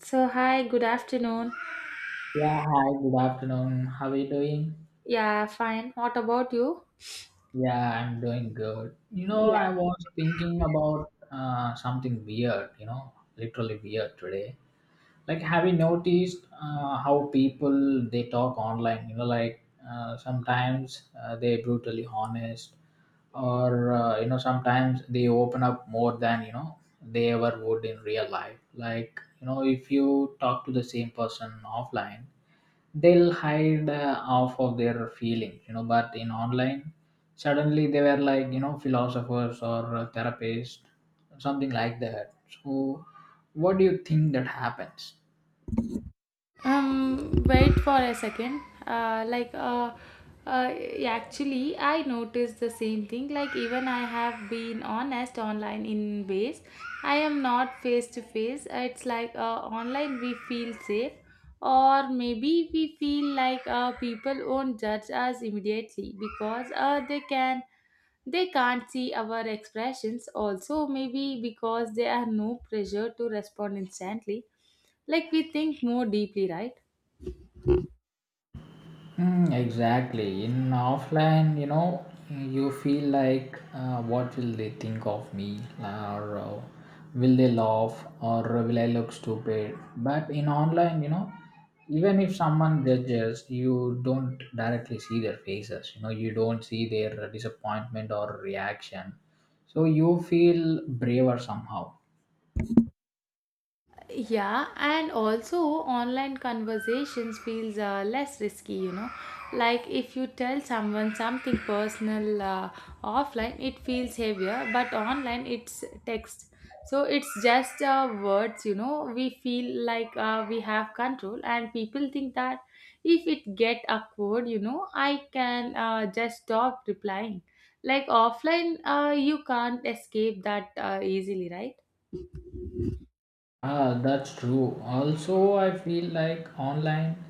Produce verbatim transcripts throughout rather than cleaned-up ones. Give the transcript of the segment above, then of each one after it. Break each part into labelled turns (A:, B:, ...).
A: So, hi, good afternoon.
B: Yeah, hi, good afternoon. How are you doing?
A: Yeah, fine. What about you?
B: Yeah, I'm doing good. You know, I was thinking about uh, something weird, you know, literally weird today. Like, have you noticed uh, how people they talk online? You know, like uh, sometimes uh, they brutally honest, or uh, you know, sometimes they open up more than you know they ever would in real life. Like, you know, if you talk to the same person offline, they'll hide uh, off of their feelings, you know but in online, suddenly they were like you know philosophers or uh, therapists, something like that. So what do you think that happens?
A: Um, wait for a second. Uh, like, uh, uh, actually, I noticed the same thing. Like, even I have been honest online in ways I am not face to face. It's like uh, online we feel safe, or maybe we feel like uh, people won't judge us immediately because uh, they can they can't see our expressions. Also, maybe because there are no pressure to respond instantly, like we think more deeply, right?
B: Mm, exactly. In offline, you know, you feel like, uh, what will they think of me, or uh, will they laugh, or uh, will I look stupid? But in online, you know, even if someone judges, you don't directly see their faces. You know, you don't see their disappointment or reaction. So you feel braver somehow.
A: Yeah, and also online conversations feels uh, less risky, you know. Like if you tell someone something personal, uh, offline, it feels heavier, but online it's text. So it's just uh, words, you know. We feel like uh, we have control, and people think that if it get awkward, you know, I can uh, just stop replying. Like offline, uh, you can't escape that uh, easily, right?
B: Ah, that's true. Also, I feel like online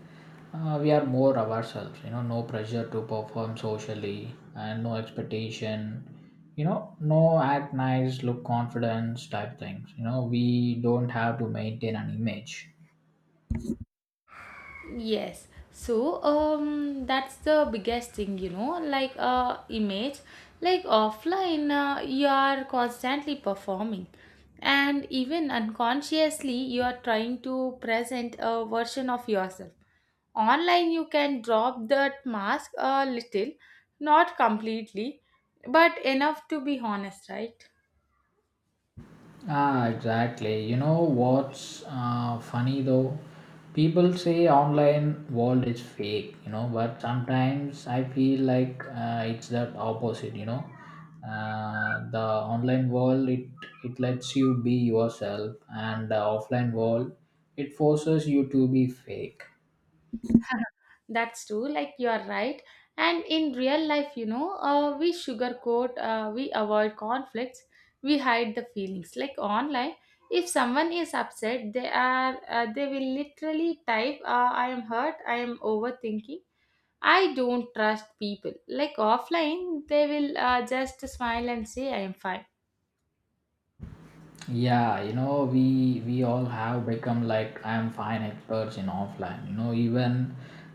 B: uh, we are more ourselves, you know, no pressure to perform socially and no expectation, you know, no act nice, look confidence type things. You know, we don't have to maintain an image.
A: Yes. So, um, that's the biggest thing, you know, like uh, image, like offline, uh, you are constantly performing, and even unconsciously, you are trying to present a version of yourself. Online, you can drop that mask a little, not completely, but enough to be honest, right?
B: Ah, exactly. You know what's uh, funny though? People say online world is fake, you know, but sometimes I feel like uh, it's that opposite. You know. Uh, the online world it it lets you be yourself, and the offline world it forces you to be fake.
A: That's true, like you are right. And in real life, you know, uh, we sugarcoat, uh, we avoid conflicts, we hide the feelings. Like online, if someone is upset, they are uh, they will literally type, uh, "I am hurt," "I am overthinking," "I don't trust people." Like offline, they will uh, just smile and say, "I am fine."
B: Yeah, you know, we we all have become like I am fine experts in offline. You know, even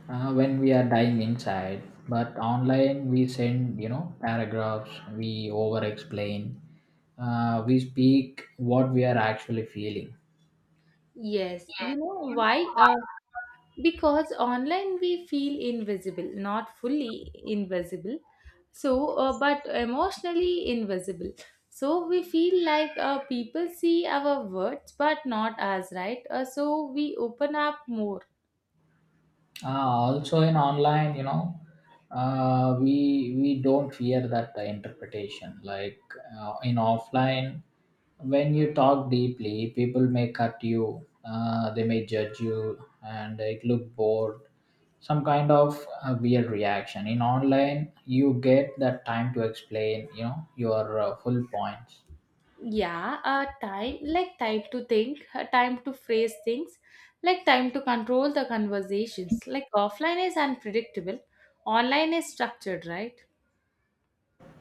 B: uh, when we are dying inside, but online we send you know paragraphs. We over explain. Uh, we speak what we are actually feeling.
A: Yes, you know why? Uh, because online we feel invisible, not fully invisible, so uh, but emotionally invisible, so we feel like uh, people see our words but not us, right uh, So we open up more.
B: uh, also in online, you know uh, we we don't fear that uh, interpretation, like uh, in offline, when you talk deeply, people may cut you, uh, they may judge you, and it look bored, some kind of uh, weird reaction. In online, you get that time to explain you know your uh, full points.
A: Yeah, uh, time, like time to think, uh, time to phrase things, like time to control the conversations, like offline is unpredictable, online is structured, right?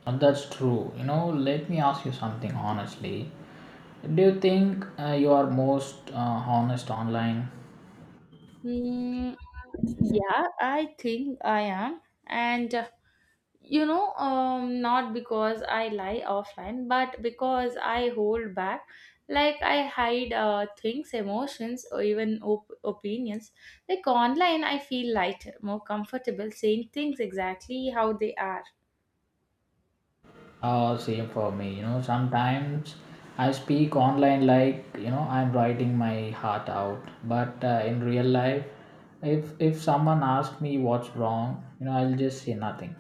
B: And that's true. You know, let me ask you something honestly. Do you think uh, you are most uh, honest online?
A: Hmm. Yeah, I think I am. And uh, you know um not because I lie offline, but because I hold back. Like I hide uh, things, emotions, or even op- opinions. Like online I feel lighter, more comfortable saying things exactly how they are.
B: Uh, same for me. You know, sometimes I speak online like you know I'm writing my heart out, but uh, in real life, if if someone asks me what's wrong, you know I'll just say nothing.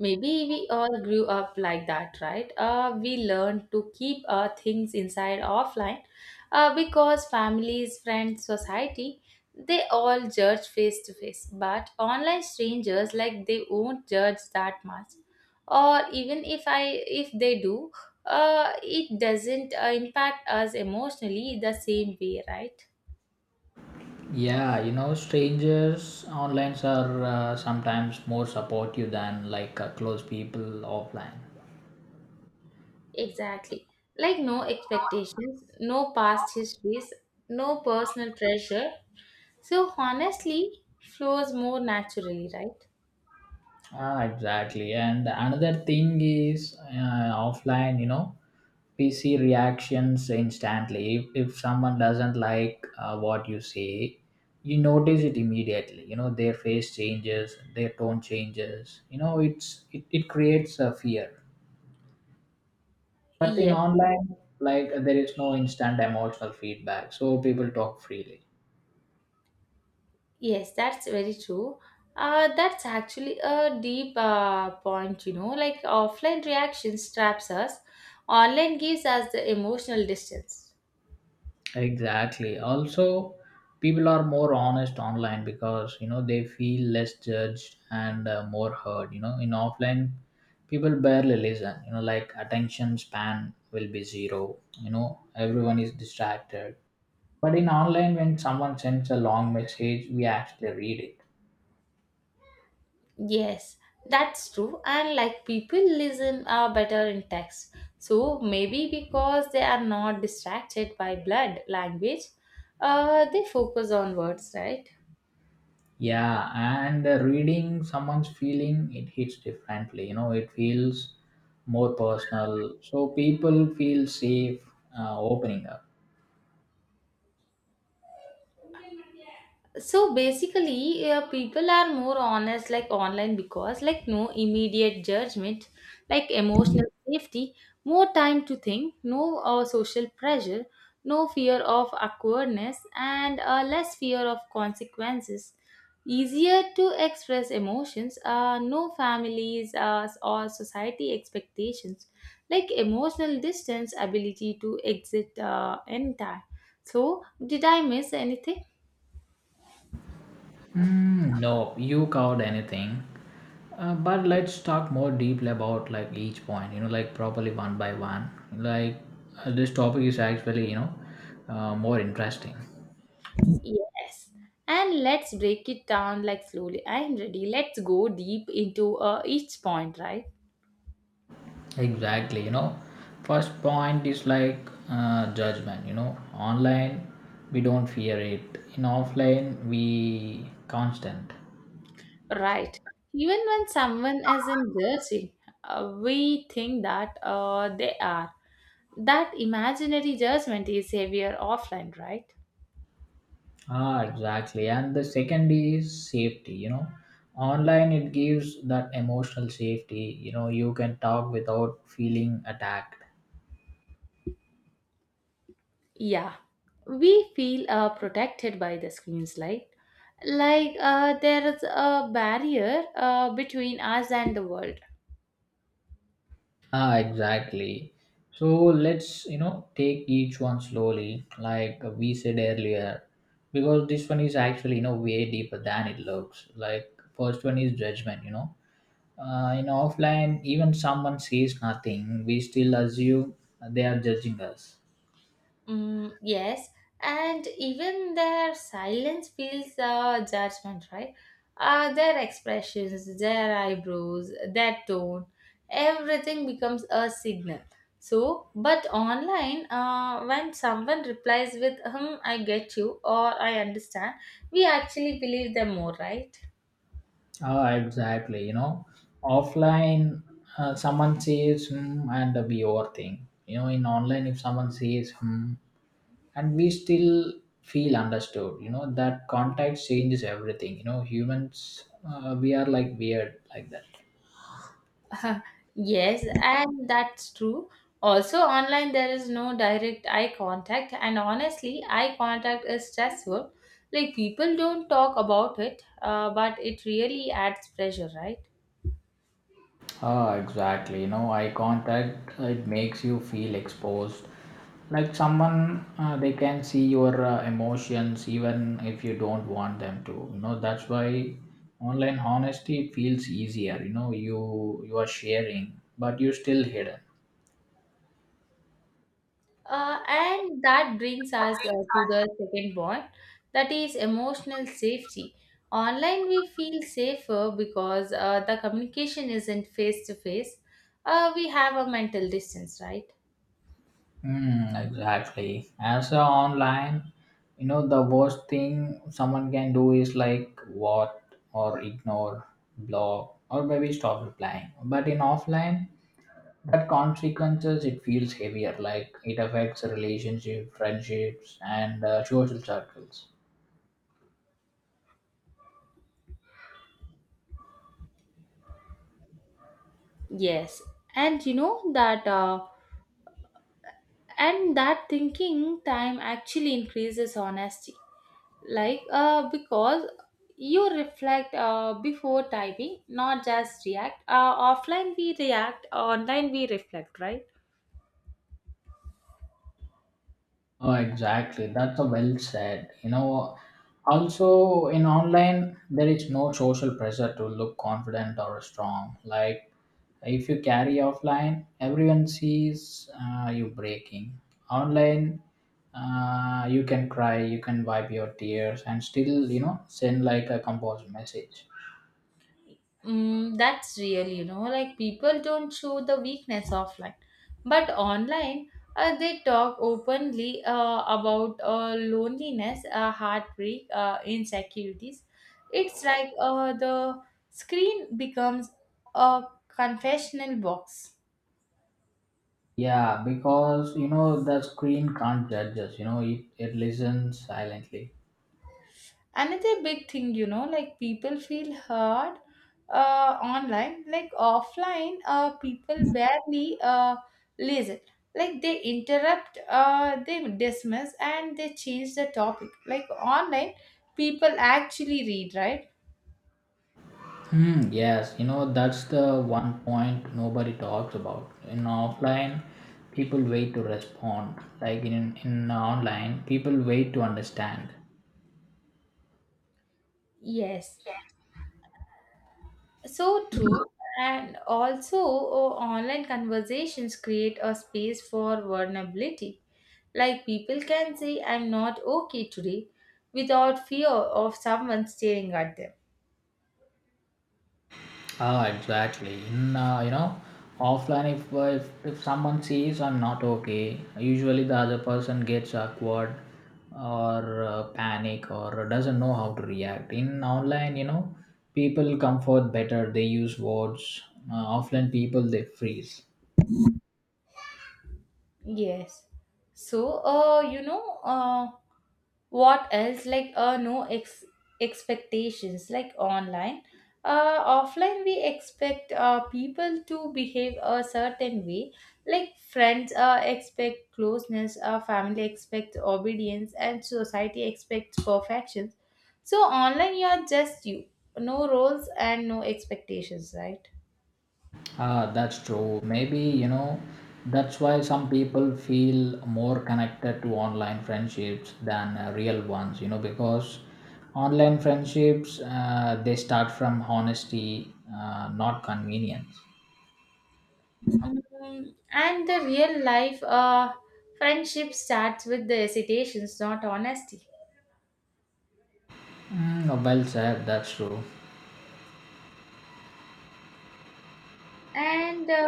A: Maybe we all grew up like that, right? Uh, we learned to keep uh, things inside offline, uh, because families, friends, society, they all judge face to face. But online strangers, like they won't judge that much. Or even if I, if they do, uh, it doesn't uh, impact us emotionally the same way, right?
B: Yeah, you know, strangers online are uh, sometimes more supportive than like uh, close people offline.
A: Exactly. Like no expectations, no past histories, no personal pressure. So honestly, flows more naturally, right?
B: Ah, exactly. And another thing is uh, offline, you know, P C reactions instantly. If, if someone doesn't like uh, what you say, you notice it immediately. You know, their face changes, their tone changes. You know, it's it, it creates a fear. But in
A: Yes,
B: online, like there is no instant emotional feedback, so people talk freely.
A: yes, that's very true. Uh, that's actually a deep uh, point, you know. Like offline reactions traps us, online gives us the emotional distance.
B: Exactly. Also, people are more honest online because you know they feel less judged and uh, more heard. You know, in offline, people barely listen. You know, like attention span will be zero. You know, everyone is distracted. But in online, when someone sends a long message, we actually read it.
A: Yes, that's true. And like people listen uh, better in text. So maybe because they are not distracted by blood language, uh, they focus on words, right?
B: Yeah, and uh, reading someone's feeling, it hits differently. You know, it feels more personal. So people feel safe uh, opening up.
A: So basically, uh, people are more honest like online because, like, no immediate judgment, like emotional safety, more time to think, no uh, social pressure, no fear of awkwardness, and uh, less fear of consequences, easier to express emotions, uh, no families uh, or society expectations, like emotional distance, ability to exit, uh, entire. So did I miss anything?
B: Mm, nope, you covered anything. Uh, but let's talk more deeply about like each point. You know, like properly one by one. Like uh, this topic is actually you know uh, more interesting.
A: Yes. And let's break it down like slowly. I'm ready. Let's go deep into uh, each point, right?
B: Exactly. You know, first point is like uh, judgment. You know, online we don't fear it. In offline we constant.
A: Right. Even when someone isn't judging, uh, we think that uh, they are. That imaginary judgment is heavier offline, right?
B: Ah, exactly. And the second is safety. You know, online it gives that emotional safety. You know, you can talk without feeling attacked.
A: Yeah. We feel uh, protected by the screens, like, like uh, there is a barrier uh, between us and the world.
B: Ah, exactly. So let's, you know, take each one slowly, like we said earlier, because this one is actually, you know, way deeper than it looks. Like, first one is judgment. You know. Uh, in offline, even someone says nothing, we still assume they are judging us.
A: Mm, yes, and even their silence feels uh, judgment, right? Uh, their expressions, their eyebrows, their tone, everything becomes a signal. So, but online, uh, when someone replies with, hmm, I get you or I understand, we actually believe them more, right?
B: Oh, exactly. You know, offline, uh, someone says hmm, and we overthink. You know, in online, if someone says hmm, and we still feel understood. You know, that context changes everything. You know, humans, uh, we are like weird like that.
A: Yes, and that's true. Also, online there is no direct eye contact, and honestly, eye contact is stressful. Like, people don't talk about it, uh, but it really adds pressure, right?
B: Ah, exactly. You know, eye contact it makes you feel exposed. Like someone, uh, they can see your uh, emotions even if you don't want them to. You know, that's why online honesty feels easier. You know, you you are sharing, but you're still hidden.
A: Uh, and that brings us uh, to the second point, that is emotional safety. Online, we feel safer because uh, the communication isn't face to face. Uh, We have a mental distance, right?
B: Mm, exactly. As a online, you know, the worst thing someone can do is like what or ignore, block, or maybe stop replying. But in offline, that consequences it feels heavier, like it affects relationship, friendships, and uh, social circles.
A: Yes. And you know that. Uh, and that thinking time actually increases honesty, like uh, because you reflect uh, before typing, not just react, uh, offline we react, online we reflect, right?
B: Oh, exactly. That's a well said. You know, also in online there is no social pressure to look confident or strong. Like if you carry offline, everyone sees uh, you breaking. Online, uh, you can cry, you can wipe your tears, and still you know send like a composed message.
A: Mm, that's real, you know, like people don't show the weakness offline, but online, uh, they talk openly uh, about uh, loneliness, uh, heartbreak, uh, insecurities. It's like uh, the screen becomes a confessional box.
B: Yeah, because you know the screen can't judge us. You know it it listens silently.
A: Another big thing, you know like people feel hurt uh, online. Like offline, uh, people barely uh, listen, like they interrupt, uh, they dismiss and they change the topic, like online people actually read, right?
B: Hmm. Yes. You know that's the one point nobody talks about. In offline, people wait to respond. Like in in online, people wait to understand.
A: Yes. So true. And also, oh, online conversations create a space for vulnerability. Like people can say, I'm not okay today, without fear of someone staring at them.
B: Ah, exactly. In uh, you know, offline, if, uh, if if someone sees I'm not okay, usually the other person gets awkward, or uh, panic, or doesn't know how to react. In online, you know, people comfort better. They use words. Uh, offline people they freeze.
A: Yes. So, uh, you know, uh, what else? Like, uh, no ex- expectations, like online. Uh, offline, we expect uh, people to behave a certain way. Like, friends uh, expect closeness, uh, family expects obedience, and society expects perfection. So, online, you are just you. No roles and no expectations, right?
B: Ah, that's true. Maybe, you know, that's why some people feel more connected to online friendships than uh, real ones, you know, because online friendships, uh, they start from honesty, uh, not convenience.
A: Um, and the real life uh, friendship starts with the hesitations, not honesty.
B: Mm, well said, that's true.
A: And uh,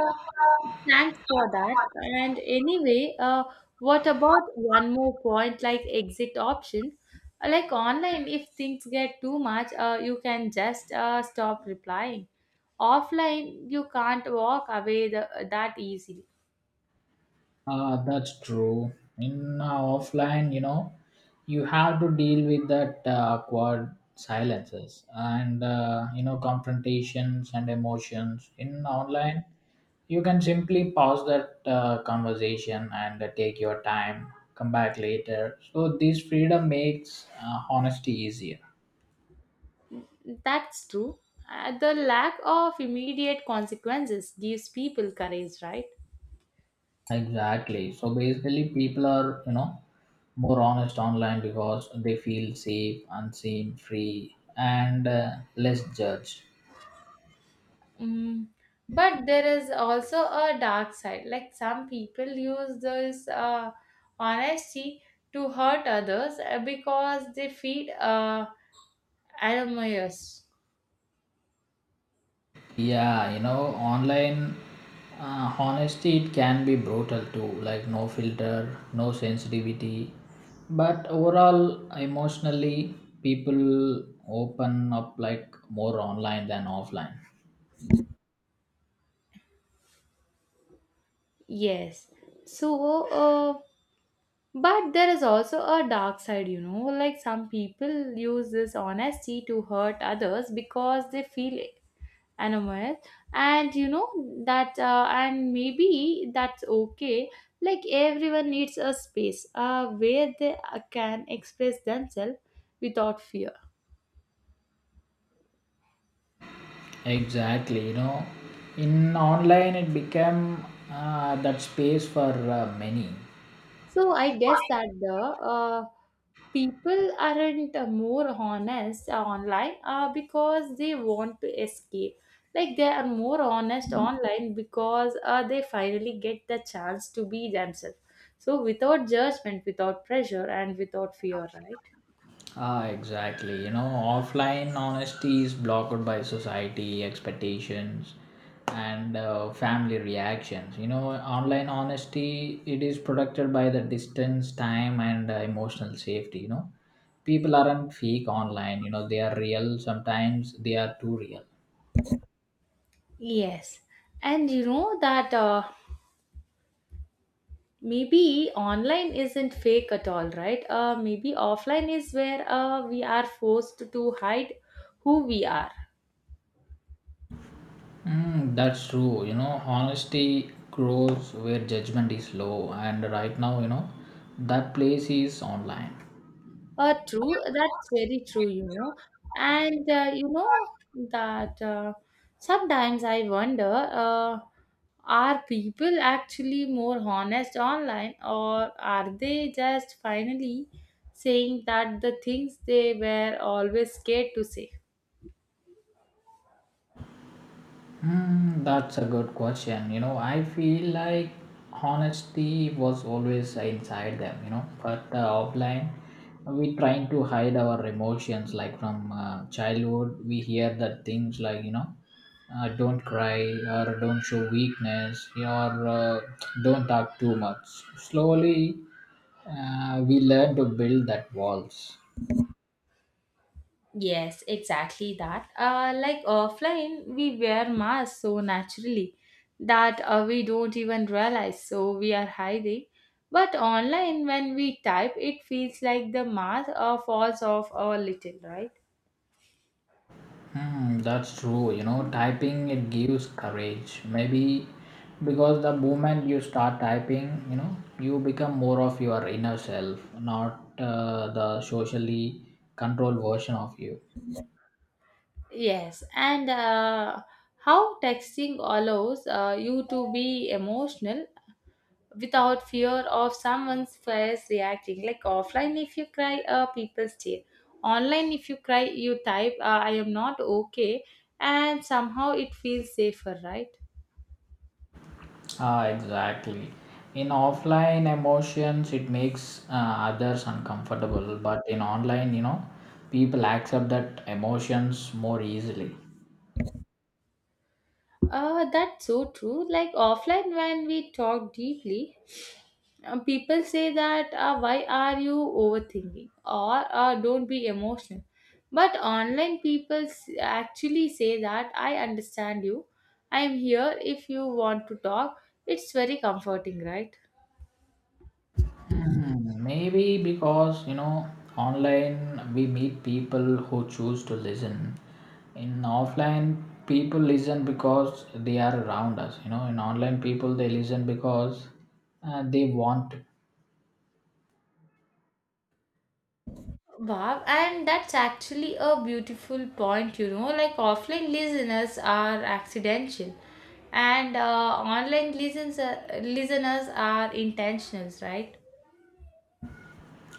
A: thanks for that. And anyway, uh, what about one more point, like exit option? Uh, Like online, if things get too much, uh, you can just uh, stop replying. Offline, you can't walk away the, that easily.
B: Ah, that's true. In uh, offline, you know, you have to deal with that uh, awkward silences and uh, you know confrontations and emotions. In online, you can simply pause that uh, conversation and uh, take your time, come back later. So this freedom makes uh, honesty easier.
A: That's true. Uh, the lack of immediate consequences gives people courage, right?
B: Exactly. So basically, people are, you know, more honest online because they feel safe, unseen, free, and uh, less judged.
A: Mm, but there is also a dark side. Like some people use this uh, honesty to hurt others, uh, because they feed uh, animals.
B: Yeah, you know, online uh, honesty it can be brutal too, like no filter, no sensitivity. But overall, emotionally, people open up like more online than offline.
A: Yes. So, uh, but there is also a dark side, you know. Like some people use this honesty to hurt others because they feel Anamith. And you know that, uh, and maybe that's okay. Like everyone needs a space uh, where they uh, can express themselves without fear.
B: Exactly, you know, in online it became uh, that space for uh, many.
A: So I guess that the uh, people aren't uh, more honest uh, online, uh, because they want to escape. Like they are more honest online because uh, they finally get the chance to be themselves. So without judgment, without pressure, and without fear, right?
B: Ah, exactly. You know, offline honesty is blocked by society expectations and uh, family reactions. You know, online honesty it is protected by the distance, time, and uh, emotional safety. You know, people aren't fake online. You know, they are real. Sometimes they are too real.
A: Yes. And you know that, uh, maybe online isn't fake at all, right? Uh, maybe offline is where uh, we are forced to hide who we are.
B: Mm, that's true. You know, honesty grows where judgment is low, and right now, you know, that place is online.
A: Uh, true. That's very true, you know. And uh, you know that, uh, sometimes I wonder, uh, are people actually more honest online, or are they just finally saying that the things they were always scared to say?
B: Hmm, that's a good question. You know, I feel like honesty was always inside them, you know, but uh, offline, we trying to hide our emotions. Like from uh, childhood, we hear that things like, you know, uh, don't cry or don't show weakness or uh, don't talk too much. Slowly, uh, we learn to build that walls.
A: Yes, exactly that. Uh, like offline, we wear masks so naturally that uh, we don't even realize so we are hiding. But online, when we type, it feels like the mask uh, falls off a little, right?
B: Hmm, that's true. You know, typing it gives courage. Maybe because the moment you start typing, you know, you become more of your inner self, not uh, the socially controlled version of you.
A: Yes, and uh, how texting allows uh, you to be emotional without fear of someone's face reacting. Like offline, if you cry, uh, people stare. Online, if you cry, you type, uh, I am not okay, and somehow it feels safer, right?
B: Ah, exactly. In offline emotions, it makes uh, others uncomfortable, but in online, you know, people accept that emotions more easily.
A: Uh, that's so true. Like offline, when we talk deeply, uh, people say that, uh, why are you overthinking, or uh, don't be emotional. But online, people s- actually say that I understand you. I am here if you want to talk. It's very comforting, right?
B: Mhm. Maybe because you know online we meet people who choose to listen. In offline, people listen because they are around us. You know, in online, people they listen because uh, they want to.
A: Wow, and that's actually a beautiful point, you know. Like offline listeners are accidental, and uh, online listeners listeners are intentional, right?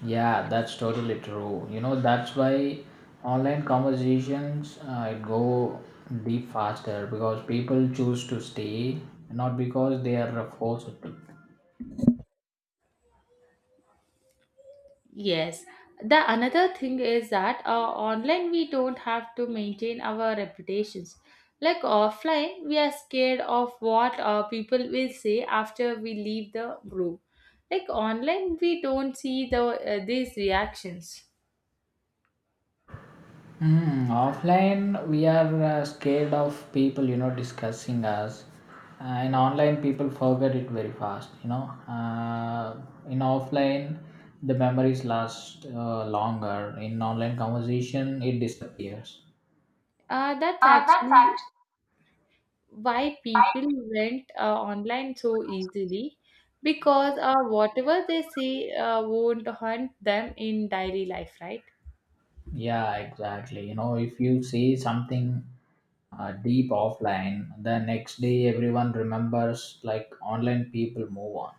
B: Yeah, that's totally true. You know, that's why online conversations uh, go deep faster because people choose to stay, not because they are forced to.
A: Yes. The another thing is that uh, online we don't have to maintain our reputations. Like offline, we are scared of what uh, people will say after we leave the group. Like online, we don't see the uh, these reactions.
B: Mm, offline, we are uh, scared of people, you know, discussing us. Uh, in online, people forget it very fast. You know. Uh, in offline, the memories last uh, longer. In online conversation, it disappears.
A: Uh, that's actually why people went uh, online so easily, because uh, whatever they see uh, won't haunt them in daily life, right?
B: Yeah, exactly. You know, if you say something uh, deep offline, the next day everyone remembers, like online people move on.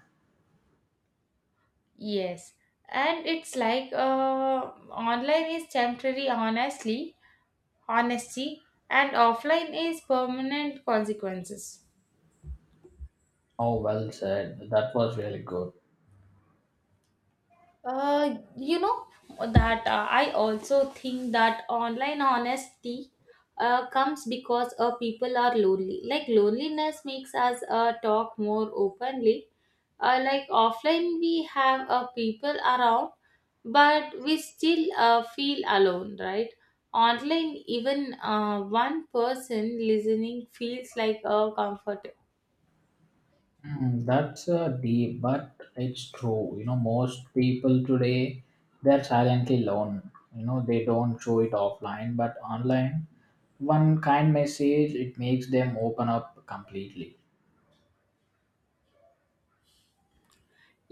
A: Yes. And it's like uh, online is temporary honestly honesty, and offline is permanent consequences.
B: Oh, well said. That was really good.
A: Uh, you know that uh, I also think that online honesty uh, comes because uh, people are lonely. Like loneliness makes us uh, talk more openly. Uh, like offline, we have uh, people around, but we still uh, feel alone, right? Online, even uh, one person listening feels like a comfort.
B: Mm, that's uh, deep, but it's true. You know, most people today they're silently alone. You know, they don't show it offline, but online, one kind message it makes them open up completely.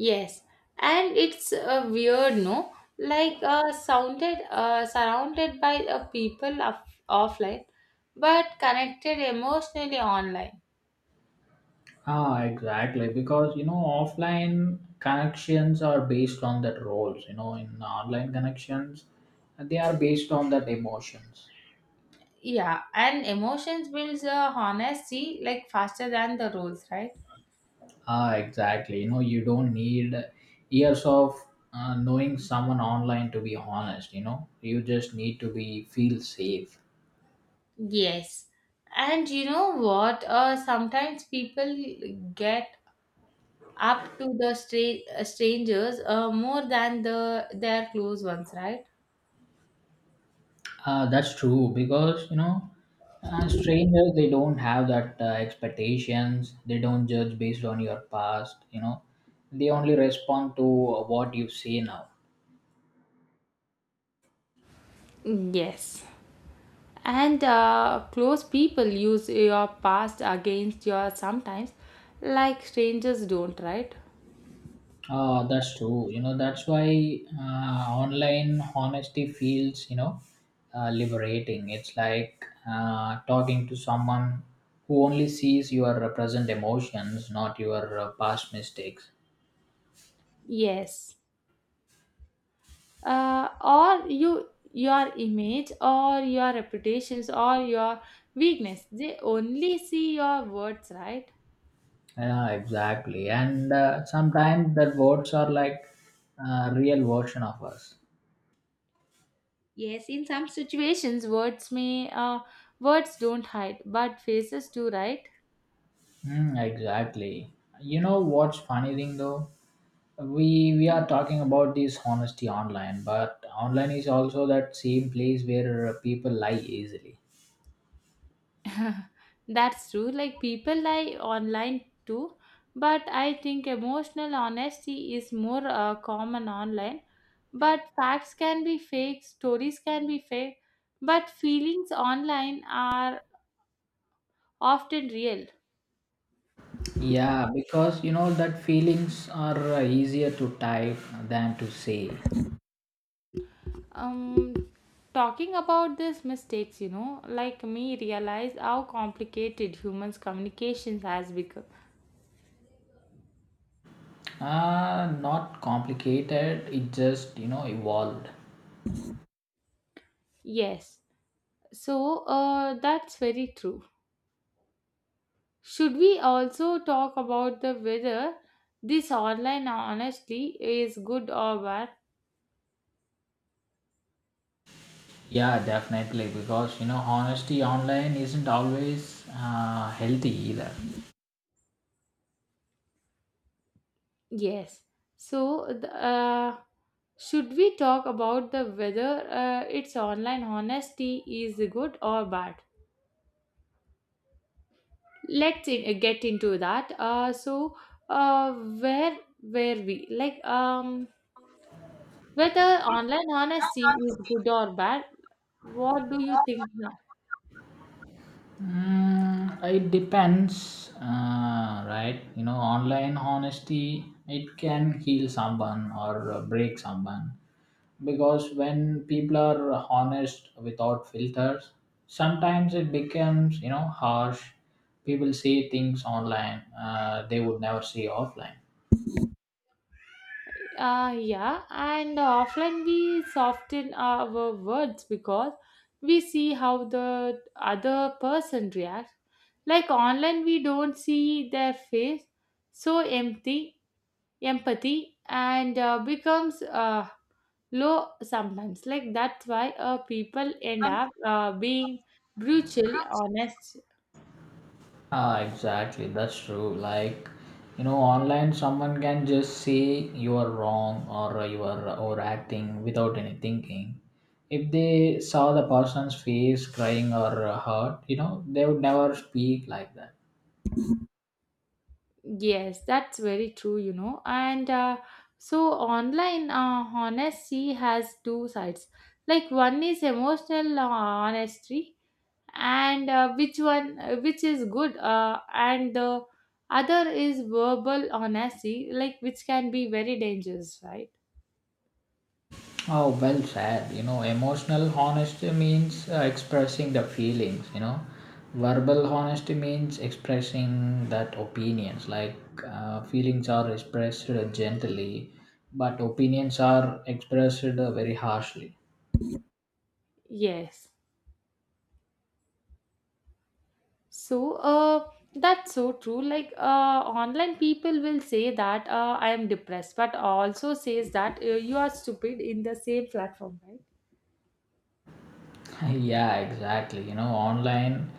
A: Yes, and it's uh, weird, no? Like uh, sounded uh, surrounded by uh, people of offline, but connected emotionally online.
B: Ah, exactly. Because you know, offline connections are based on that roles. You know, in online connections, they are based on that emotions.
A: Yeah, and emotions builds uh, honesty like faster than the rules, right?
B: Ah, exactly. You know, you don't need years of uh, knowing someone online to be honest. You know, you just need to be feel safe.
A: Yes. And you know what? Uh, sometimes people get up to the stra- uh, strangers, uh, more than the their close ones, right?
B: Uh, that's true because you know, uh, strangers they don't have that uh, expectations. They don't judge based on your past. You know, they only respond to what you say now.
A: Yes. And uh, close people use your past against your sometimes, like strangers don't, right?
B: Uh, that's true. You know, that's why uh, online honesty feels, you know, uh, liberating. It's like uh, talking to someone who only sees your uh, present emotions, not your uh, past mistakes.
A: Yes. Uh, or you your image, or your reputations, or your weakness. They only see your words, right?
B: Yeah, exactly. And uh, sometimes the words are like a real version of us.
A: Yes, in some situations, words may uh, words don't hide, but faces do, right?
B: Hmm, exactly. You know what's funny thing though? We we are talking about this honesty online, but online is also that same place where uh, people lie easily.
A: That's true. Like people lie online too, but I think emotional honesty is more uh, common online. But facts can be fake, stories can be fake, but feelings online are often real.
B: Yeah, because you know that feelings are uh, easier to type than to say.
A: Um, Talking about these mistakes, you know, like me realize how complicated humans' communications has become.
B: Uh, not complicated, it just you know evolved.
A: Yes, so uh, that's very true. Should we also talk about the whether this online honestly is good or bad?
B: Yeah, definitely, because you know honesty online isn't always uh, healthy either.
A: Yes. So, the, uh, should we talk about the whether uh, its online honesty is good or bad? Let's in, get into that. Uh, so, uh, where were we? Like, um, whether online honesty is good or bad? What do you think?
B: Mm, it depends, uh, right? You know, online honesty it can heal someone or uh, break someone because when people are honest without filters, sometimes it becomes you know harsh. People say things online uh, they would never say offline.
A: Uh, yeah, and uh, often we soften our words because we see how the other person reacts. Like online, we don't see their face, so empty empathy and uh, becomes uh, low sometimes. Like that's why uh, people end up uh, being brutal, honest.
B: Ah, exactly. That's true. Like, you know, online someone can just say you are wrong or you are overacting without any thinking. If they saw the person's face crying or hurt, you know, they would never speak like that.
A: Yes, that's very true, you know. And uh, so online uh, honesty has two sides. Like one is emotional uh, honesty, and uh, which one, uh, which is good, uh, and the other is verbal honesty, like which can be very dangerous, right?
B: Oh, well said. You know, emotional honesty means uh, expressing the feelings. You know. Verbal honesty means expressing that opinions, like uh, feelings are expressed gently, but opinions are expressed uh, very harshly.
A: Yes. So, uh, that's so true. Like, uh, online people will say that uh, I am depressed, but also says that uh, you are stupid in the same platform, right?
B: Yeah, exactly. You know, online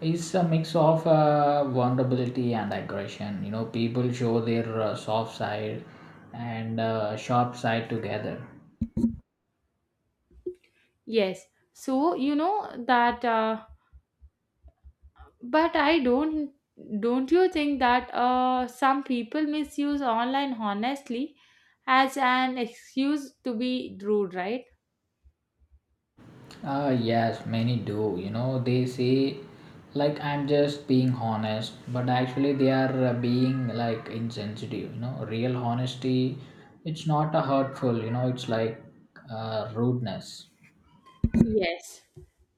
B: is a mix of uh, vulnerability and aggression. You know, people show their uh, soft side and uh, sharp side together.
A: Yes. So, you know that, uh, but I don't, don't you think that uh, some people misuse online honestly as an excuse to be rude, right?
B: Ah, yes, many do. You know, they say, like, I'm just being honest, but actually, they are uh, being like insensitive. You know, real honesty, it's not a hurtful, you know, it's like uh, rudeness.
A: Yes.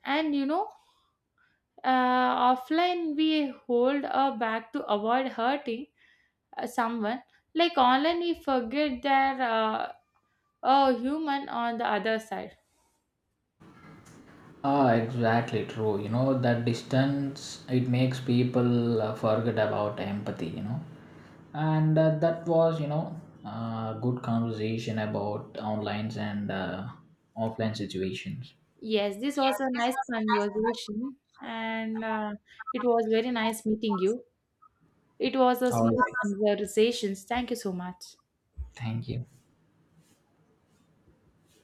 A: And you know, uh, offline we hold uh, back to avoid hurting uh, someone, like online we forget there uh, a human on the other side.
B: Ah, exactly true. You know, that distance, it makes people uh, forget about empathy. You know. And uh, that was, you know, uh, good conversation about online and uh, offline situations.
A: Yes, this was a nice conversation, and uh, it was very nice meeting you. It was a
B: All
A: smooth
B: right.
A: conversation. Thank you so much.
B: Thank you.